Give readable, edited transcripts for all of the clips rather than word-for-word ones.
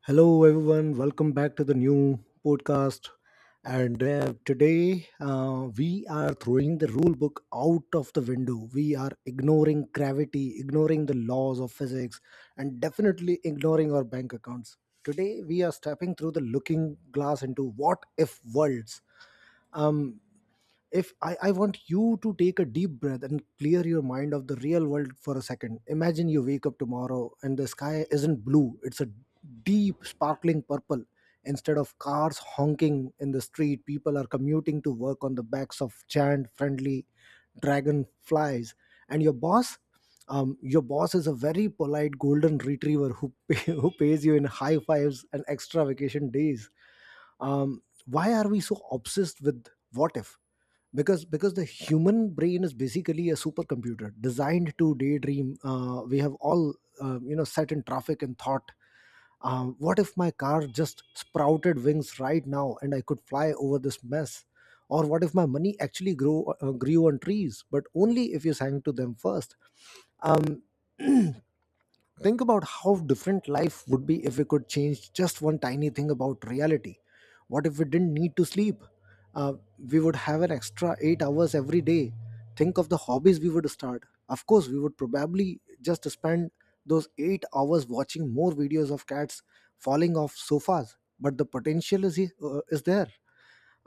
Hello, everyone. Welcome back to the new podcast. And Today we are throwing the rule book out of the window. We are ignoring gravity, ignoring the laws of physics, and definitely ignoring our bank accounts. Today we are stepping through the looking glass into what if worlds. Um, if I, I want you to take a deep breath and clear your mind of the real world for a second. Imagine you wake up tomorrow and the sky isn't blue, it's a deep sparkling purple. Instead of cars honking in the street, people are commuting to work on the backs of giant friendly dragonflies, and your boss is a very polite golden retriever who pays you in high fives and extra vacation days. Why are we so obsessed with what if? Because the human brain is basically a supercomputer designed to daydream. We have all you know, sat in traffic and thought, what if my car just sprouted wings right now and I could fly over this mess? Or what if my money actually grew grew on trees, but only if you sang to them first? um, Think about how different life would be if we could change just one tiny thing about reality. What if we didn't need to sleep? Uh, we would have an extra 8 hours every day. Think of the hobbies we would start. Of course, we would probably just spend those 8 hours watching more videos of cats falling off sofas, but the potential is there.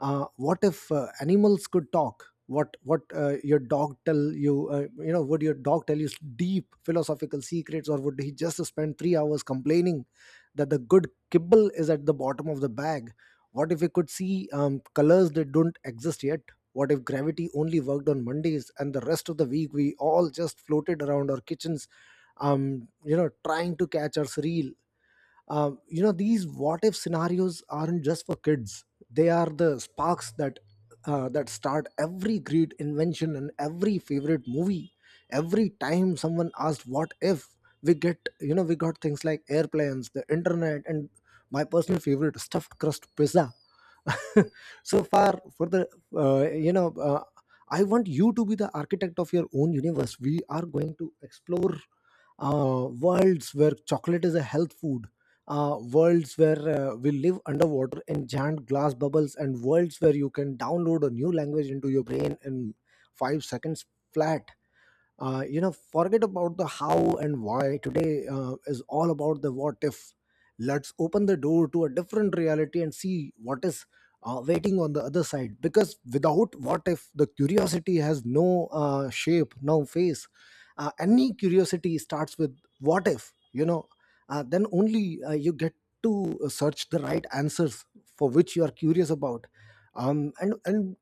What if animals could talk? What your dog tell you you know would your dog tell you deep philosophical secrets, or would he just spend 3 hours complaining that the good kibble is at the bottom of the bag? What if we could see colors that don't exist yet? What if gravity only worked on Mondays and the rest of the week we all just floated around our kitchens, trying to catch our surreal. These what if scenarios aren't just for kids. They are the sparks that that start every great invention and every favorite movie. Every time someone asked what if, we get you know we got things like airplanes, the internet, and my personal favorite, stuffed crust pizza. So far for the uh, you know uh, I want you to be the architect of your own universe. We are going to explore worlds where chocolate is a health food, worlds where we live underwater in giant glass bubbles, and worlds where you can download a new language into your brain in 5 seconds flat. Forget about the how and why. Today is all about the what if. Let's open the door to a different reality and see what is waiting on the other side, because without what if, the curiosity has no shape, no face. Any curiosity starts with what if, you know. Then only you get to search the right answers for which you are curious about. And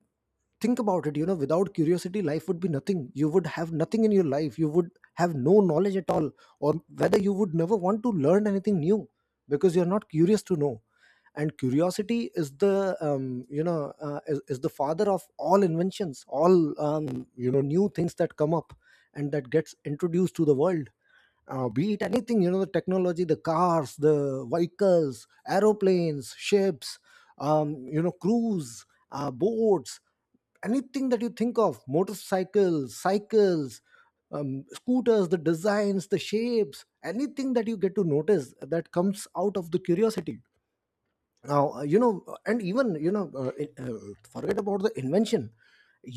think about it, you know, without curiosity life would be nothing. You would have nothing in your life, you would have no knowledge at all, or whether you would never want to learn anything new because you're not curious to know. And curiosity is the you know is the father of all inventions, all new things that come up and that gets introduced to the world. Be it anything, you know, the technology, the cars, the vehicles, aeroplanes, ships, cruise boats, anything that you think of: motorcycles, cycles, scooters, the designs, the shapes, anything that you get to notice that comes out of the curiosity. Now, you know and even you know it- forget about the invention.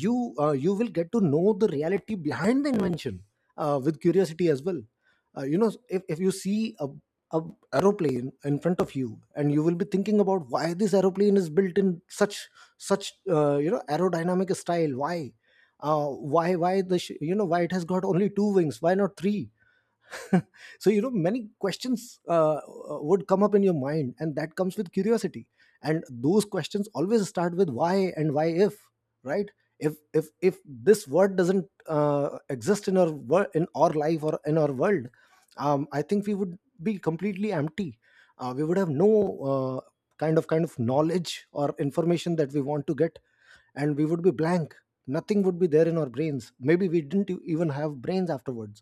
You will get to know the reality behind the invention with curiosity as well. If you see a aeroplane in front of you, and you will be thinking about why this aeroplane is built in such such aerodynamic style, why the sh- you know why it has got only two wings, why not three? So, you know, many questions would come up in your mind, and that comes with curiosity. And those questions always start with why and why if, right? If this word doesn't exist in our in our life or in our world, I think we would be completely empty. We would have no uh, kind of knowledge or information that we want to get, and we would be blank. Nothing would be there in our brains. Maybe we didn't even have brains afterwards.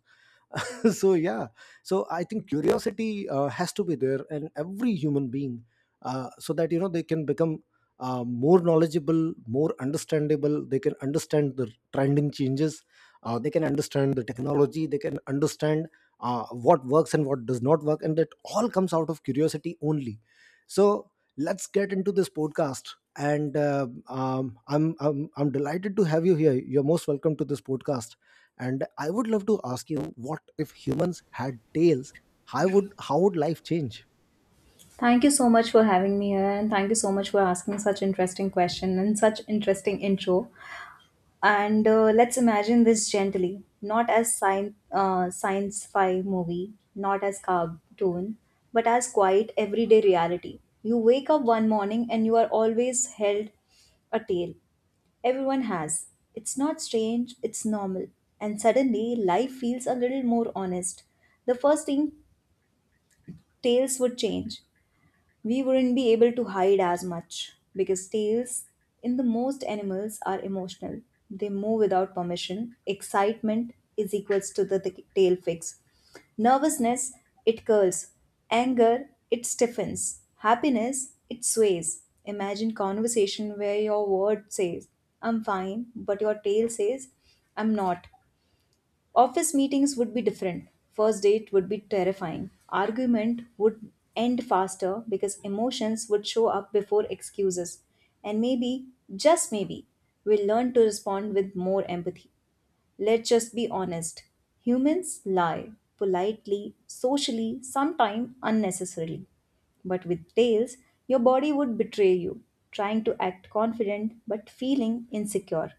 So yeah, so I think curiosity has to be there in every human being, so that, you know, they can become more knowledgeable, more understandable. They can understand the trending changes, they can understand the technology, they can understand what works and what does not work, and that all comes out of curiosity only. So let's get into this podcast, and I'm delighted to have you here. You're most welcome to this podcast, and I would love to ask you, what if humans had tails? How would life change? Thank you so much for having me here, and thank you so much for asking such interesting question and such interesting intro. And Let's imagine this gently, not as science science fi movie, not as cartoon, but as quiet everyday reality. You wake up one morning and you are always held a tale. Everyone has. It's not strange, it's normal. And suddenly, life feels a little more honest. The first thing, tales would change, we wouldn't be able to hide as much because tails in the most animals are emotional. They move without permission. Excitement is equals to the tail fix. Nervousness, it curls. Anger, it stiffens. Happiness, it sways. Imagine conversation where your word says, I'm fine, but your tail says, I'm not. Office meetings would be different. First date would be terrifying. Argument would end faster because emotions would show up before excuses. And maybe, just maybe, we'll learn to respond with more empathy. Let's just be honest. Humans lie politely, socially, sometimes unnecessarily. But with tails, your body would betray you, trying to act confident but feeling insecure.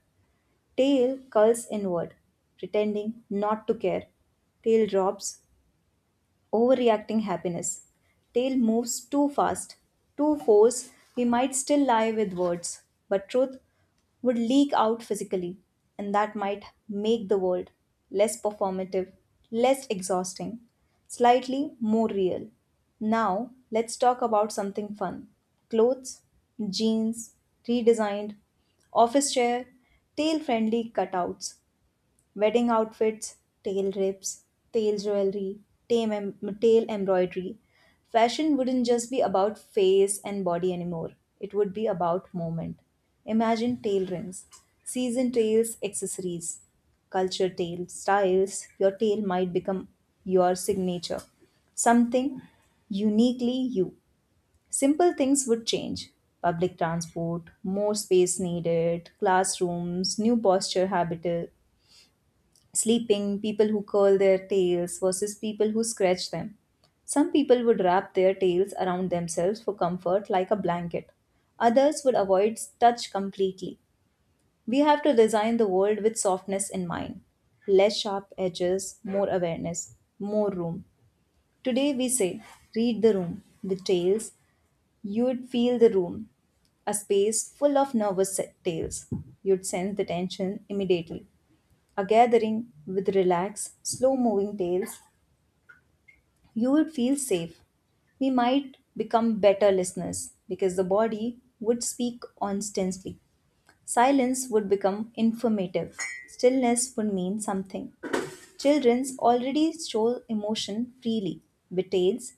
Tail curls inward, pretending not to care. Tail drops, overreacting happiness. Tale moves too fast, too force. We might still lie with words, but truth would leak out physically, and that might make the world less performative, less exhausting, slightly more real. Now, let's talk about something fun: clothes, jeans, redesigned, office chair, tail friendly cutouts. Wedding outfits, tail rips, tail jewelry, tail embroidery. Fashion wouldn't just be about face and body anymore. It would be about moment. Imagine tail rings, season tails, accessories, culture tail styles. Your tail might become your signature, something uniquely you. Simple things would change. Public transport, more space needed, classrooms, new posture habit, sleeping, people who curl their tails versus people who scratch them. Some people would wrap their tails around themselves for comfort like a blanket. Others would avoid touch completely. We have to design the world with softness in mind. Less sharp edges, more awareness, more room. Today we say, read the room. With tails, you'd feel the room, a space full of tales. You'd sense the tension immediately, a gathering with relaxed, slow moving tales, you would feel safe. We might become better listeners because the body would speak constantly. Silence would become informative. Stillness would mean something. Children's already show emotion freely. With tales,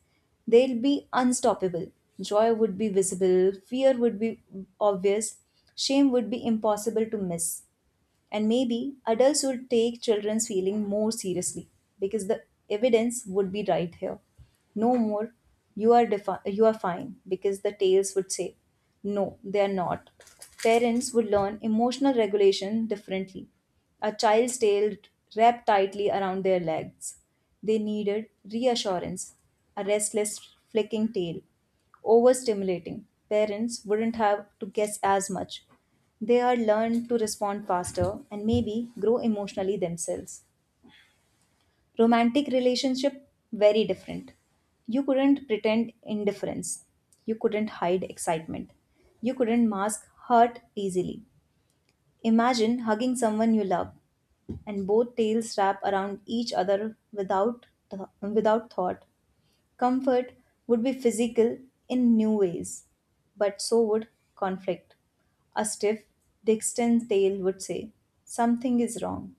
they'll be unstoppable. Joy would be visible, fear would be obvious, shame would be impossible to miss. And maybe adults would take children's feeling more seriously because the evidence would be right here. No more, you are fine, because the tales would say, no, they are not. Parents would learn emotional regulation differently. A child's tail wrapped tightly around their legs. They needed reassurance, a restless flicking tail overstimulating. Parents wouldn't have to guess as much. They are learn to respond faster and maybe grow emotionally themselves. Romantic relationship, very different. You couldn't pretend indifference. You couldn't hide excitement. You couldn't mask hurt easily. Imagine hugging someone you love and both tails wrap around each other without thought. Comfort would be physical in new ways, but so would conflict. A stiff, distant tail would say, something is wrong.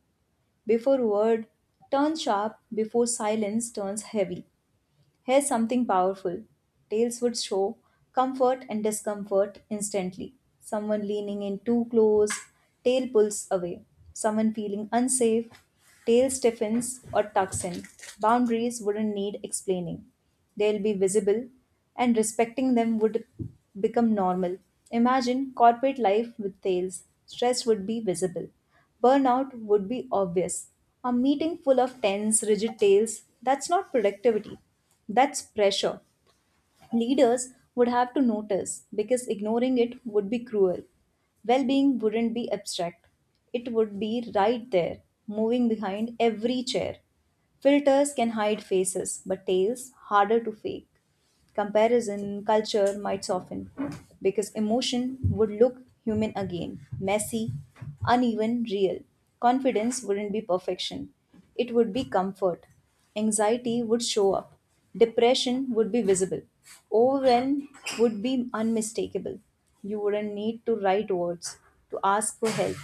Before word turns sharp, before silence turns heavy. Here's something powerful: tales would show comfort and discomfort instantly. Someone leaning in too close, tail pulls away. Someone feeling unsafe, tail stiffens or tucks in. Boundaries wouldn't need explaining. They'll be visible, and respecting them would become normal. Imagine corporate life with tails. Stress would be visible. Burnout would be obvious. A meeting full of tense, rigid tails, that's not productivity. That's pressure. Leaders would have to notice because ignoring it would be cruel. Well being wouldn't be abstract, it would be right there, moving behind every chair. Filters can hide faces, but tails harder to fake. Comparison, culture might soften because emotion would look human again, messy, uneven, real. Confidence wouldn't be perfection, it would be comfort. Anxiety would show up, depression would be visible, overwhelm would be unmistakable. You wouldn't need to write words to ask for help.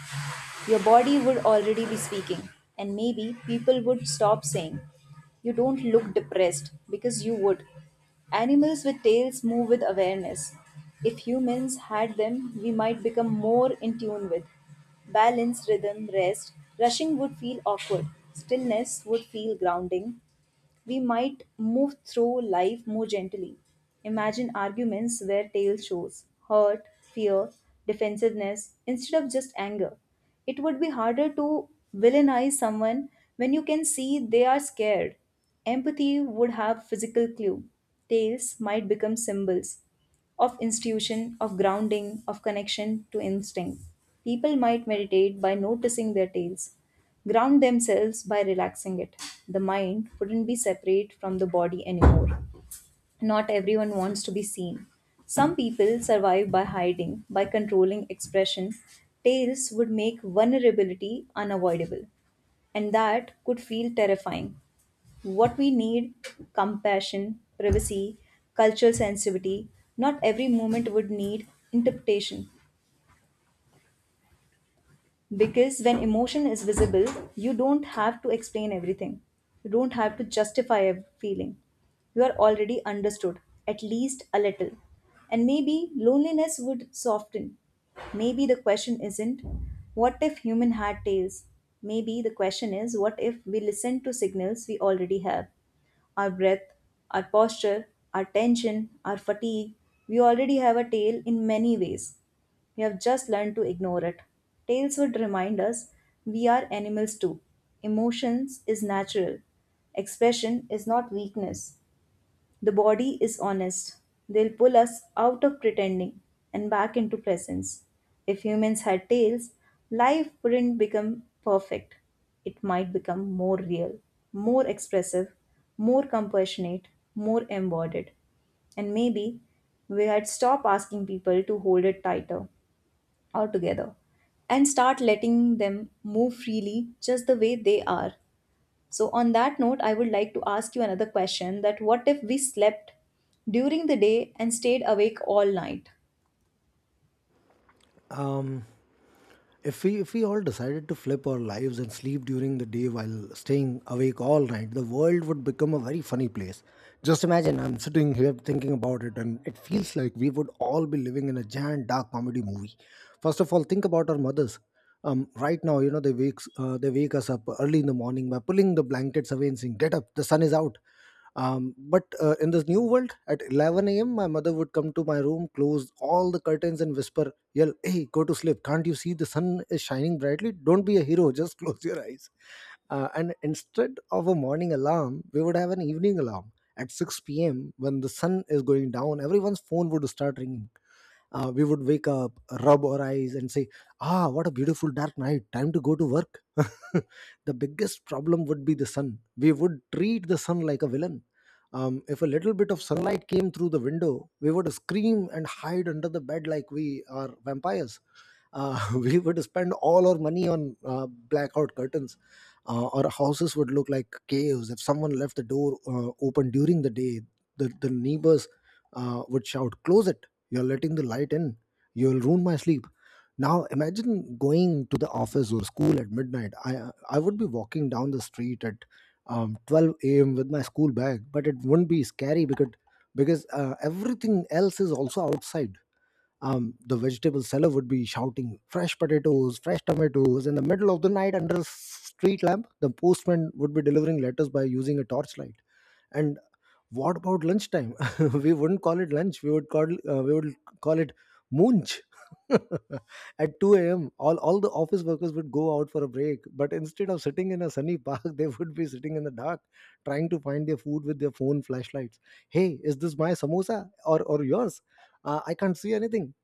Your body would already be speaking, and maybe people would stop saying you don't look depressed because you would. Animals with tails move with awareness. If humans had them, we might become more in tune with balance, rhythm, rest. Rushing would feel awkward. Stillness would feel grounding, we might move through life more gently. Imagine arguments where tail shows hurt, fear, defensiveness instead of just anger. It would be harder to villainize someone when you can see they are scared. Empathy would have physical clue. Tails might become symbols of institution, of grounding, of connection to instinct. People might meditate by noticing their tails, ground themselves by relaxing it. The mind wouldn't be separate from the body anymore. Not everyone wants to be seen. Some people survive by hiding, by controlling expression. Tails would make vulnerability unavoidable, and that could feel terrifying. What we need: compassion, privacy, cultural sensitivity. Not every moment would need interpretation, because when emotion is visible, you don't have to explain everything, you don't have to justify a feeling, you are already understood, at least a little, and maybe loneliness would soften. Maybe the question isn't what if human had tails. Maybe the question is what if we listen to signals we already have: our breath, our posture, our tension, our fatigue. We already have a tail in many ways. We have just learned to ignore it. Tales would remind us we are animals too. Emotions is natural. Expression is not weakness. The body is honest. They'll pull us out of pretending and back into presence. If humans had tails, life wouldn't become perfect. It might become more real, more expressive, more compassionate, more embodied. And maybe we had stopped asking people to hold it tighter altogether and start letting them move freely just the way they are. So, on that note, I would like to ask you another question: that what if we slept during the day and stayed awake all night? um If we all decided to flip our lives and sleep during the day while staying awake all night, the world would become a very funny place. Just imagine, I'm sitting here thinking about it, and it feels like we would all be living in a giant dark comedy movie. First of all, think about our mothers. Right now, you know, they wake us up early in the morning by pulling the blankets away and saying, "Get up, the sun is out." But in this new world, at 11 a.m., my mother would come to my room, close all the curtains, and whisper, "Yell, hey, go to sleep. Can't you see the sun is shining brightly? Don't be a hero, just close your eyes." And instead of a morning alarm, we would have an evening alarm. At 6 p.m., when the sun is going down, everyone's phone would start ringing. We would wake up, rub our eyes, and say, "Ah, what a beautiful dark night. Time to go to work." The biggest problem would be the sun. We would treat the sun like a villain. If a little bit of sunlight came through the window, we would scream and hide under the bed like we are vampires. We would spend all our money on blackout curtains. Our houses would look like caves. If someone left the door open during the day, the neighbors would shout, "Close it, you're letting the light in. You'll ruin my sleep." Now imagine going to the office or school at midnight. I would be walking down the street at 12 a.m. with my school bag, but it wouldn't be scary because everything else is also outside. The vegetable seller would be shouting, "Fresh potatoes, fresh tomatoes," in the middle of the night under a street lamp. The postman would be delivering letters by using a torchlight, and what about lunchtime? We wouldn't call it lunch. We would call it munch. At 2 a.m., all the office workers would go out for a break. But instead of sitting in a sunny park, they would be sitting in the dark, trying to find their food with their phone flashlights. "Hey, is this my samosa or yours? I can't see anything."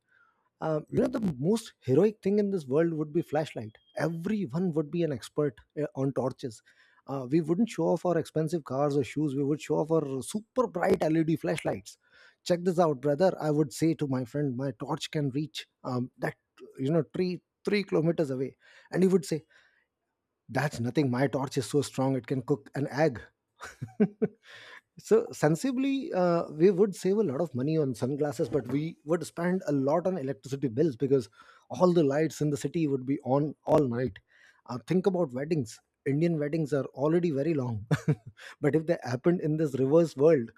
The most heroic thing in this world would be flashlight. Everyone would be an expert on torches. We wouldn't show off our expensive cars or shoes, we would show off our super bright LED flashlights. "Check this out, brother," I would say to my friend, "my torch can reach that you know tree 3 kilometers away." And he would say, "That's nothing, my torch is so strong it can cook an egg." So sensibly, we would save a lot of money on sunglasses, but we would spend a lot on electricity bills because all the lights in the city would be on all night. Think about weddings. Indian weddings are already very long, but if they happened in this reverse world,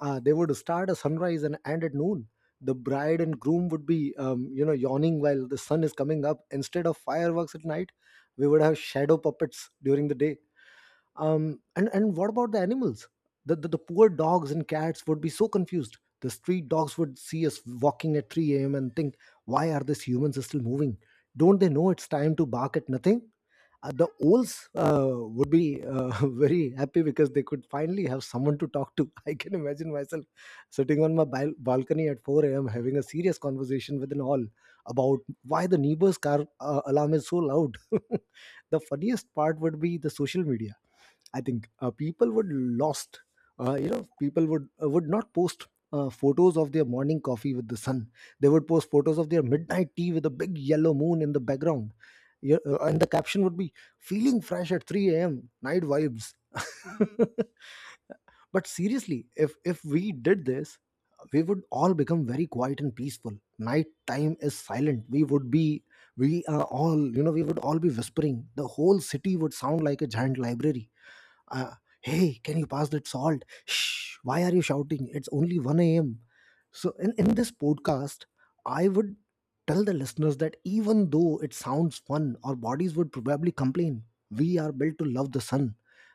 they would start at sunrise and end at noon. The bride and groom would be, yawning while the sun is coming up. Instead of fireworks at night, we would have shadow puppets during the day. And what about the animals? The poor dogs and cats would be so confused. The street dogs would see us walking at 3 a.m and think, why are these humans still moving? Don't they know it's time to bark at nothing? The owls would be very happy because they could finally have someone to talk to. I can imagine myself sitting on my balcony at 4 a.m having a serious conversation with an owl about why the neighbor's car alarm is so loud. The funniest part would be the social media. I think people would lost. People would would not post photos of their morning coffee with the sun. They would post photos of their midnight tea with a big yellow moon in the background. Yeah, and the caption would be "Feeling fresh at 3 a.m. Night vibes." But seriously, if we did this, we would all become very quiet and peaceful. Night time is silent. We would be we are all you know We would all be whispering. The whole city would sound like a giant library. uh, Hey, can you pass that salt? Shh, why are you shouting? It's only 1 a.m. So in this podcast, I would tell the listeners that even though it sounds fun, our bodies would probably complain. We are built to love the sun,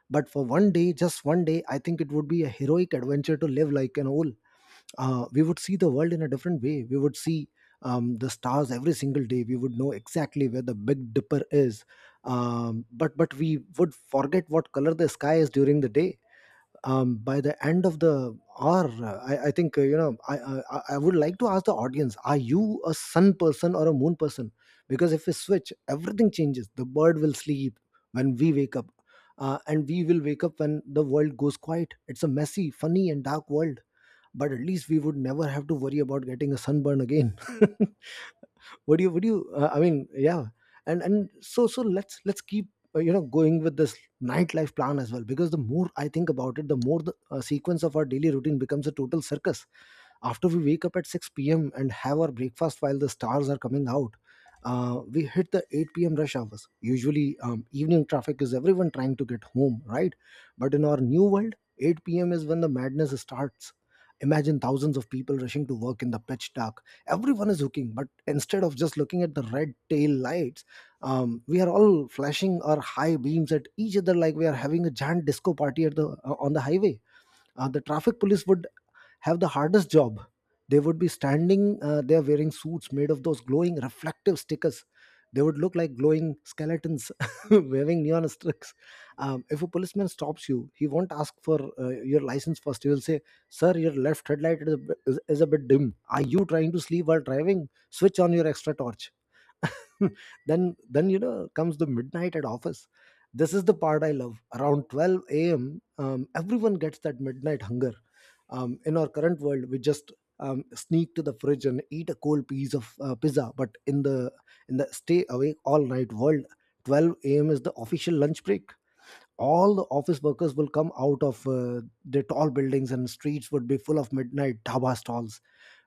but for one day, just one day, I think it would be a heroic adventure to live like an owl. We would see the world in a different way. We would see the stars every single day. We would know exactly where the Big Dipper is, but we would forget what color the sky is during the day. By the end of the hour, I think I would like to ask the audience: are you a sun person or a moon person? Because if we switch, everything changes. The bird will sleep when we wake up. And we will wake up when the world goes quiet. It's a messy, funny, and dark world, but at least we would never have to worry about getting a sunburn again. What do you would you, I mean, yeah. And so let's keep going with this nightlife plan as well, because the more I think about it, the more the sequence of our daily routine becomes a total circus. After we wake up at 6 p.m. and have our breakfast while the stars are coming out, we hit the 8 p.m. rush hours. Usually, evening traffic is everyone trying to get home, right? But in our new world, 8 p.m. is when the madness starts. Imagine thousands of people rushing to work in the pitch dark. Everyone is hooking, but instead of just looking at the red tail lights, we are all flashing our high beams at each other like we are having a giant disco party at the on the highway. The traffic police would have the hardest job. They would be standing they are wearing suits made of those glowing reflective stickers. They would look like glowing skeletons waving neon sticks. If a policeman stops you, he won't ask for your license first. He will say, sir, your left headlight is a bit dim. Are you trying to sleep while driving? Switch on your extra torch. Then comes the midnight at office. This is the part I love. Around 12 a.m, everyone gets that midnight hunger. In our current world, we just sneak to the fridge and eat a cold piece of pizza. But in the stay awake all night world, 12 a.m is the official lunch break. All the office workers will come out of their tall buildings, and streets would be full of midnight dhaba stalls.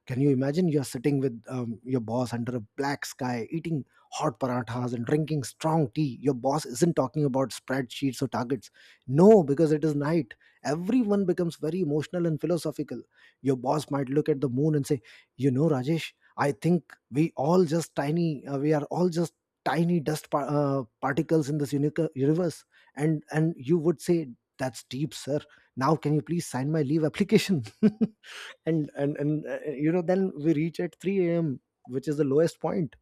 Can you imagine you're sitting with your boss under a black sky, eating hot parathas and drinking strong tea? Your boss isn't talking about spreadsheets or targets. No, because it is night. Everyone becomes very emotional and philosophical. Your boss might look at the moon and say, you know, Rajesh, I think we all just tiny, we are all just tiny dust particles in this universe. And you would say, that's deep, sir. Now, can you please sign my leave application? And then we reach at 3 a.m, which is the lowest point.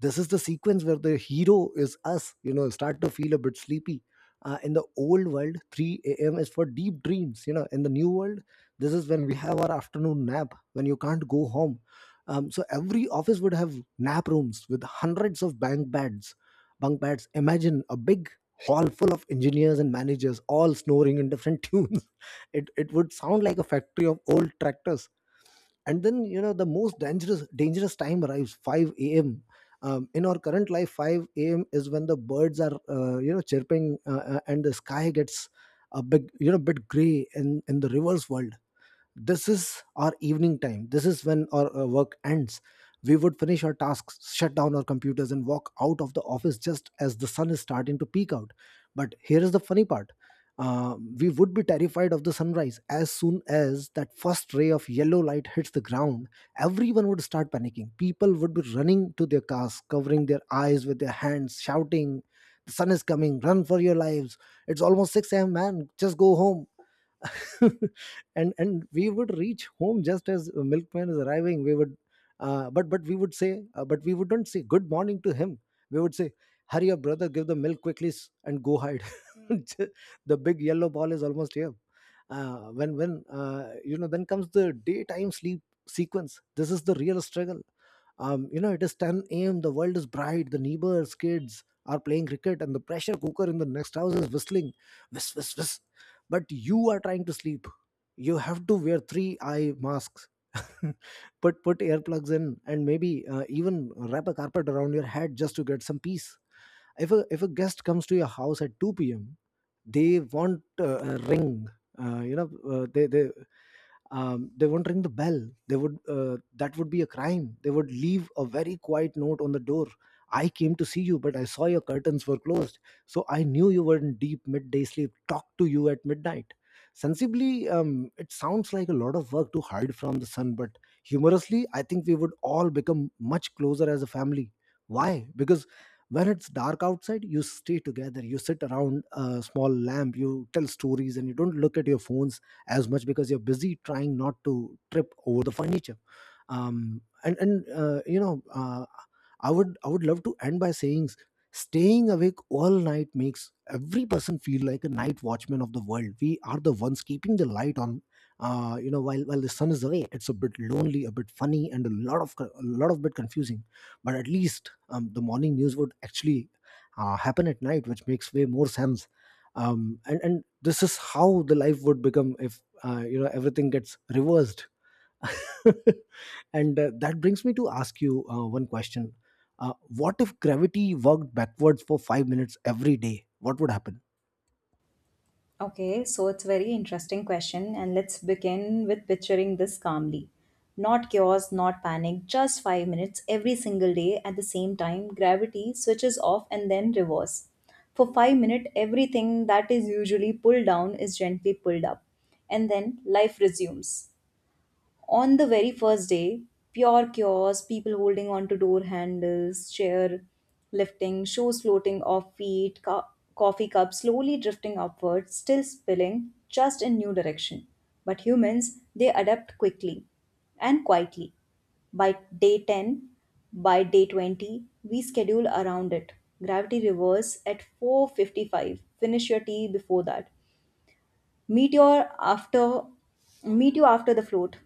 This is the sequence where the hero is us, start to feel a bit sleepy. In the old world, 3 a.m is for deep dreams. You know, in the new world, this is when we have our afternoon nap when you can't go home. So every office would have nap rooms with hundreds of bunk beds. Bunk beds, imagine a big hall full of engineers and managers all snoring in different tunes. It would sound like a factory of old tractors. And then, you know, the most dangerous time arrives, 5 a.m. In our current life, 5 a.m is when the birds are chirping, and the sky gets a big, you know, bit gray. In the reverse world, this is our evening time. This is when our work ends. We would finish our tasks, shut down our computers, and walk out of the office just as the sun is starting to peek out. But here is the funny part. We would be terrified of the sunrise. As soon as that first ray of yellow light hits the ground, everyone would start panicking. People would be running to their cars, covering their eyes with their hands, shouting, the sun is coming, run for your lives! It's almost 6 a.m, man, just go home. And we would reach home just as a milkman is arriving. We would but we would say but we wouldn't say good morning to him. We would say, hurry up, brother, give the milk quickly, and go hide. The big yellow ball is almost here. When you know Then comes the daytime sleep sequence. This is the real struggle. You know, it is 10 a.m., the world is bright, the neighbors' kids are playing cricket, and the pressure cooker in the next house is whistling. Whist, whist, whist. But you are trying to sleep. You have to wear three eye masks. Put earplugs in, and maybe even wrap a carpet around your head just to get some peace. If a guest comes to your house at 2 p.m, they want a ring you know they won't ring the bell. They would That would be a crime. They would leave a very quiet note on the door: I came to see you, but I saw your curtains were closed, so I knew you were in deep midday sleep. Talk to you at midnight. Sensibly, it sounds like a lot of work to hide from the sun, but humorously, I think we would all become much closer as a family. Why? Because when it's dark outside, you stay together, you sit around a small lamp, you tell stories, and you don't look at your phones as much because you're busy trying not to trip over the furniture. And you know I would, love to end by saying, staying awake all night makes every person feel like a night watchman of the world. We are the ones keeping the light on while the sun is away. It's a bit lonely, a bit funny, and a lot of a lot of bit confusing. But at least, the morning news would actually happen at night, which makes way more sense. And this is how the life would become if everything gets reversed. And that brings me to ask you one question. What if gravity worked backwards for 5 minutes every day? What would happen? Okay, so it's very interesting question, and let's begin with picturing this calmly. Not chaos, not panic, just 5 minutes every single day at the same time. Gravity switches off and then reverse. For 5 minutes, everything that is usually pulled down is gently pulled up, and then life resumes. On the very first day, pure chaos, people holding on to door handles, chair lifting, shoes floating off feet, coffee cups slowly drifting upwards, still spilling, just in new direction. But humans, they adapt quickly and quietly. By day 10, by day 20, we schedule around it. Gravity reverse at 4:55. Finish your tea before that. Meet your after Meet you after the float.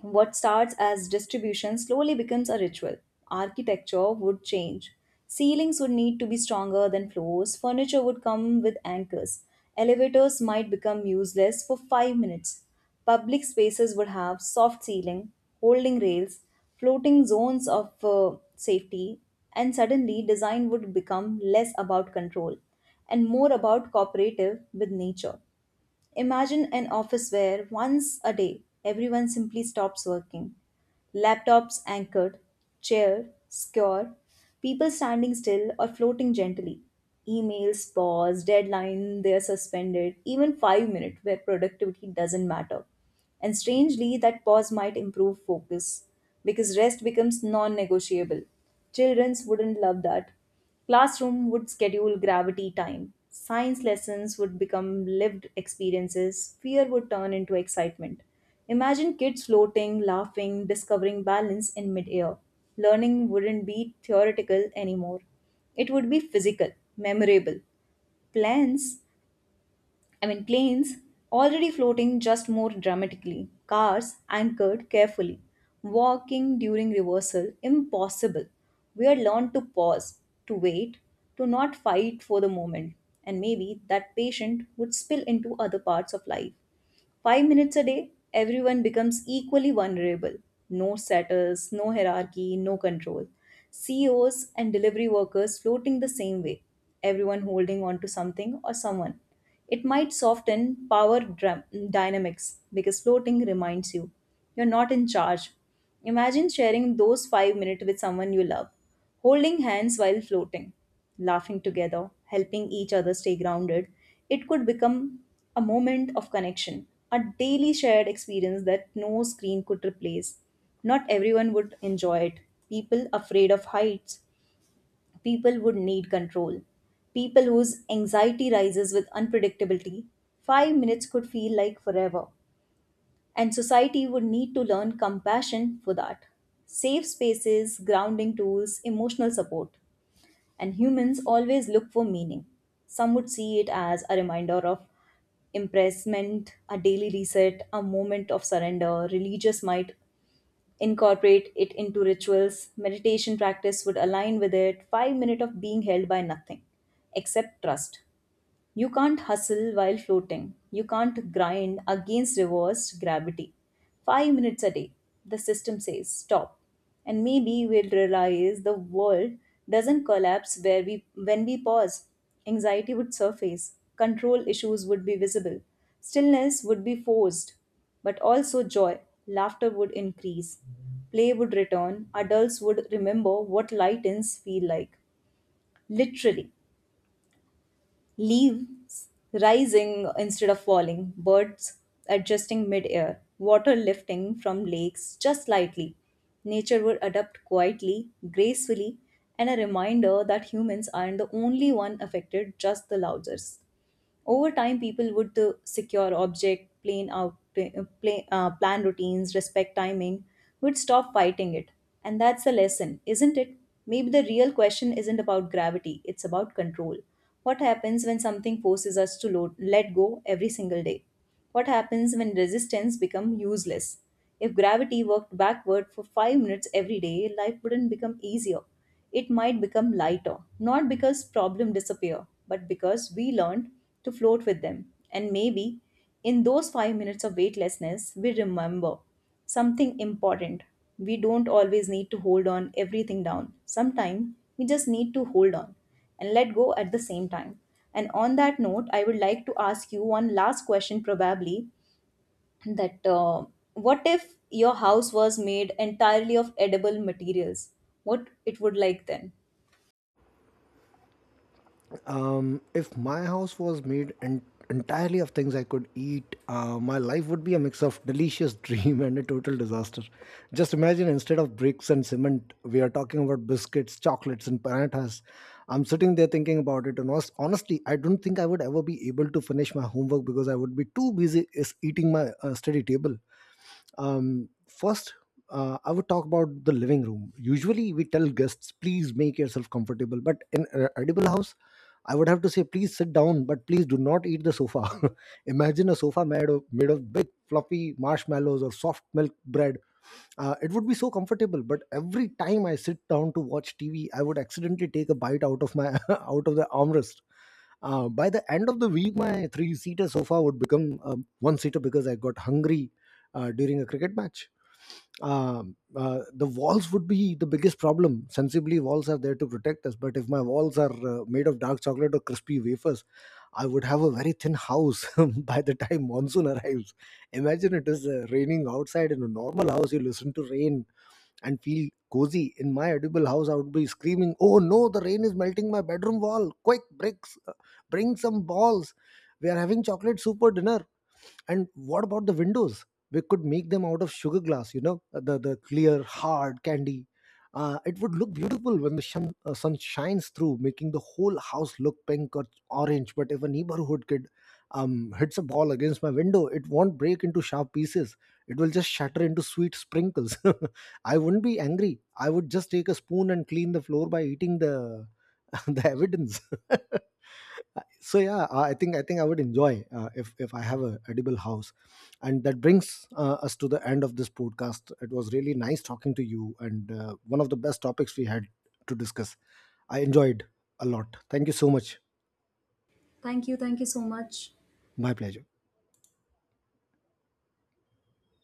What starts as distribution slowly becomes a ritual. Architecture would change. Ceilings would need to be stronger than floors. Furniture would come with anchors. Elevators might become useless for 5 minutes. Public spaces would have soft ceiling, holding rails, floating zones of safety, and suddenly design would become less about control and more about cooperative with nature. Imagine an office where once a day everyone simply stops working. Laptops anchored, chair secure, people standing still or floating gently. Emails pause, deadline they are suspended, even 5 minutes where productivity doesn't matter. And strangely, that pause might improve focus because rest becomes non negotiable. Children wouldn't love that. Classroom would schedule gravity time. Science lessons would become lived experiences. Fear would turn into excitement. Imagine kids floating, laughing, discovering balance in midair. Learning wouldn't be theoretical anymore. It would be physical, memorable. Plans Planes already floating just more dramatically, cars anchored carefully, walking during reversal impossible. We are learned to pause, to wait, to not fight for the moment, and maybe that patient would spill into other parts of life. 5 minutes a day, everyone becomes equally vulnerable. No status, no hierarchy, no control. CEOs and delivery workers floating the same way, everyone holding on to something or someone. It might soften power dynamics because floating reminds you you're not in charge. Imagine sharing those 5 minutes with someone you love. Holding hands while floating, laughing together, helping each other stay grounded, it could become a moment of connection, a daily shared experience that no screen could replace. Not everyone would enjoy it. People afraid of heights, people would need control. People whose anxiety rises with unpredictability, 5 minutes could feel like forever. And society would need to learn compassion for that. Safe spaces, grounding tools, emotional support. And humans always look for meaning. Some would see it as a reminder of impressment, a daily reset, a moment of surrender. Religious might incorporate it into rituals. Meditation practice would align with it. 5 minutes of being held by nothing except trust. You can't hustle while floating. You can't grind against reverse gravity. 5 minutes a day, the system says stop. And maybe we'll realize the world doesn't collapse where we when we pause. Anxiety would surface. Control issues would be visible. Stillness would be forced. But also joy. Laughter would increase. Play would return. Adults would remember what lightens feel like. Literally. Leaves rising instead of falling, birds adjusting mid-air, water lifting from lakes just slightly. Nature would adapt quietly, gracefully, and a reminder that humans aren't the only one affected, just the loudest. Over time, people would secure object, plan out, play, plan routines, respect timing, would stop fighting it. And that's the lesson, isn't it? Maybe the real question isn't about gravity, it's about control. What happens when something forces us to let go every single day? What happens when resistance becomes useless? If gravity worked backward for 5 minutes every day, life wouldn't become easier. It might become lighter, not because problems disappear, but because we learned to float with them. And maybe in those 5 minutes of weightlessness, we remember something important. We don't always need to hold on everything down. Sometimes we just need to hold on and let go at the same time. And on that note, I would like to ask you one last question, probably, that what if your house was made entirely of edible materials? What it would like then? If my house was made entirely of things I could eat, my life would be a mix of delicious dream and a total disaster. Just imagine, instead of bricks and cement, we are talking about biscuits, chocolates, and paratha's. I'm sitting there thinking about it, and honestly, I don't think I would ever be able to finish my homework because I would be too busy eating my study table. First, I would talk about the living room. Usually, we tell guests, please make yourself comfortable. But in an edible house, I would have to say, please sit down, but please do not eat the sofa. Imagine a sofa made of big, fluffy marshmallows or soft milk bread. It would be so comfortable, but every time I sit down to watch TV, I would accidentally take a bite out of my out of the armrest. By the end of the week, my three-seater sofa would become a one-seater because I got hungry during a cricket match. The walls would be the biggest problem. Sensibly, walls are there to protect us, but if my walls are made of dark chocolate or crispy wafers, I would have a very thin house by the time monsoon arrives. Imagine it is raining outside. In a normal house, you listen to rain and feel cozy. In my edible house, I would be screaming, oh no, the rain is melting my bedroom wall! Quick, bricks, bring some balls. We are having chocolate soup for dinner. And what about the windows? We could make them out of sugar glass, you know, the clear hard candy. It would look beautiful when the sun shines through, making the whole house look pink or orange. But if a neighborhood kid hits a ball against my window, it won't break into sharp pieces. It will just shatter into sweet sprinkles. I wouldn't be angry. I would just take a spoon and clean the floor by eating the the evidence. So yeah, I think I would enjoy if I have a edible house. And that brings us to the end of this podcast. It was really nice talking to you, and one of the best topics we had to discuss. I enjoyed a lot. Thank you so much. Thank you. Thank you so much. My pleasure.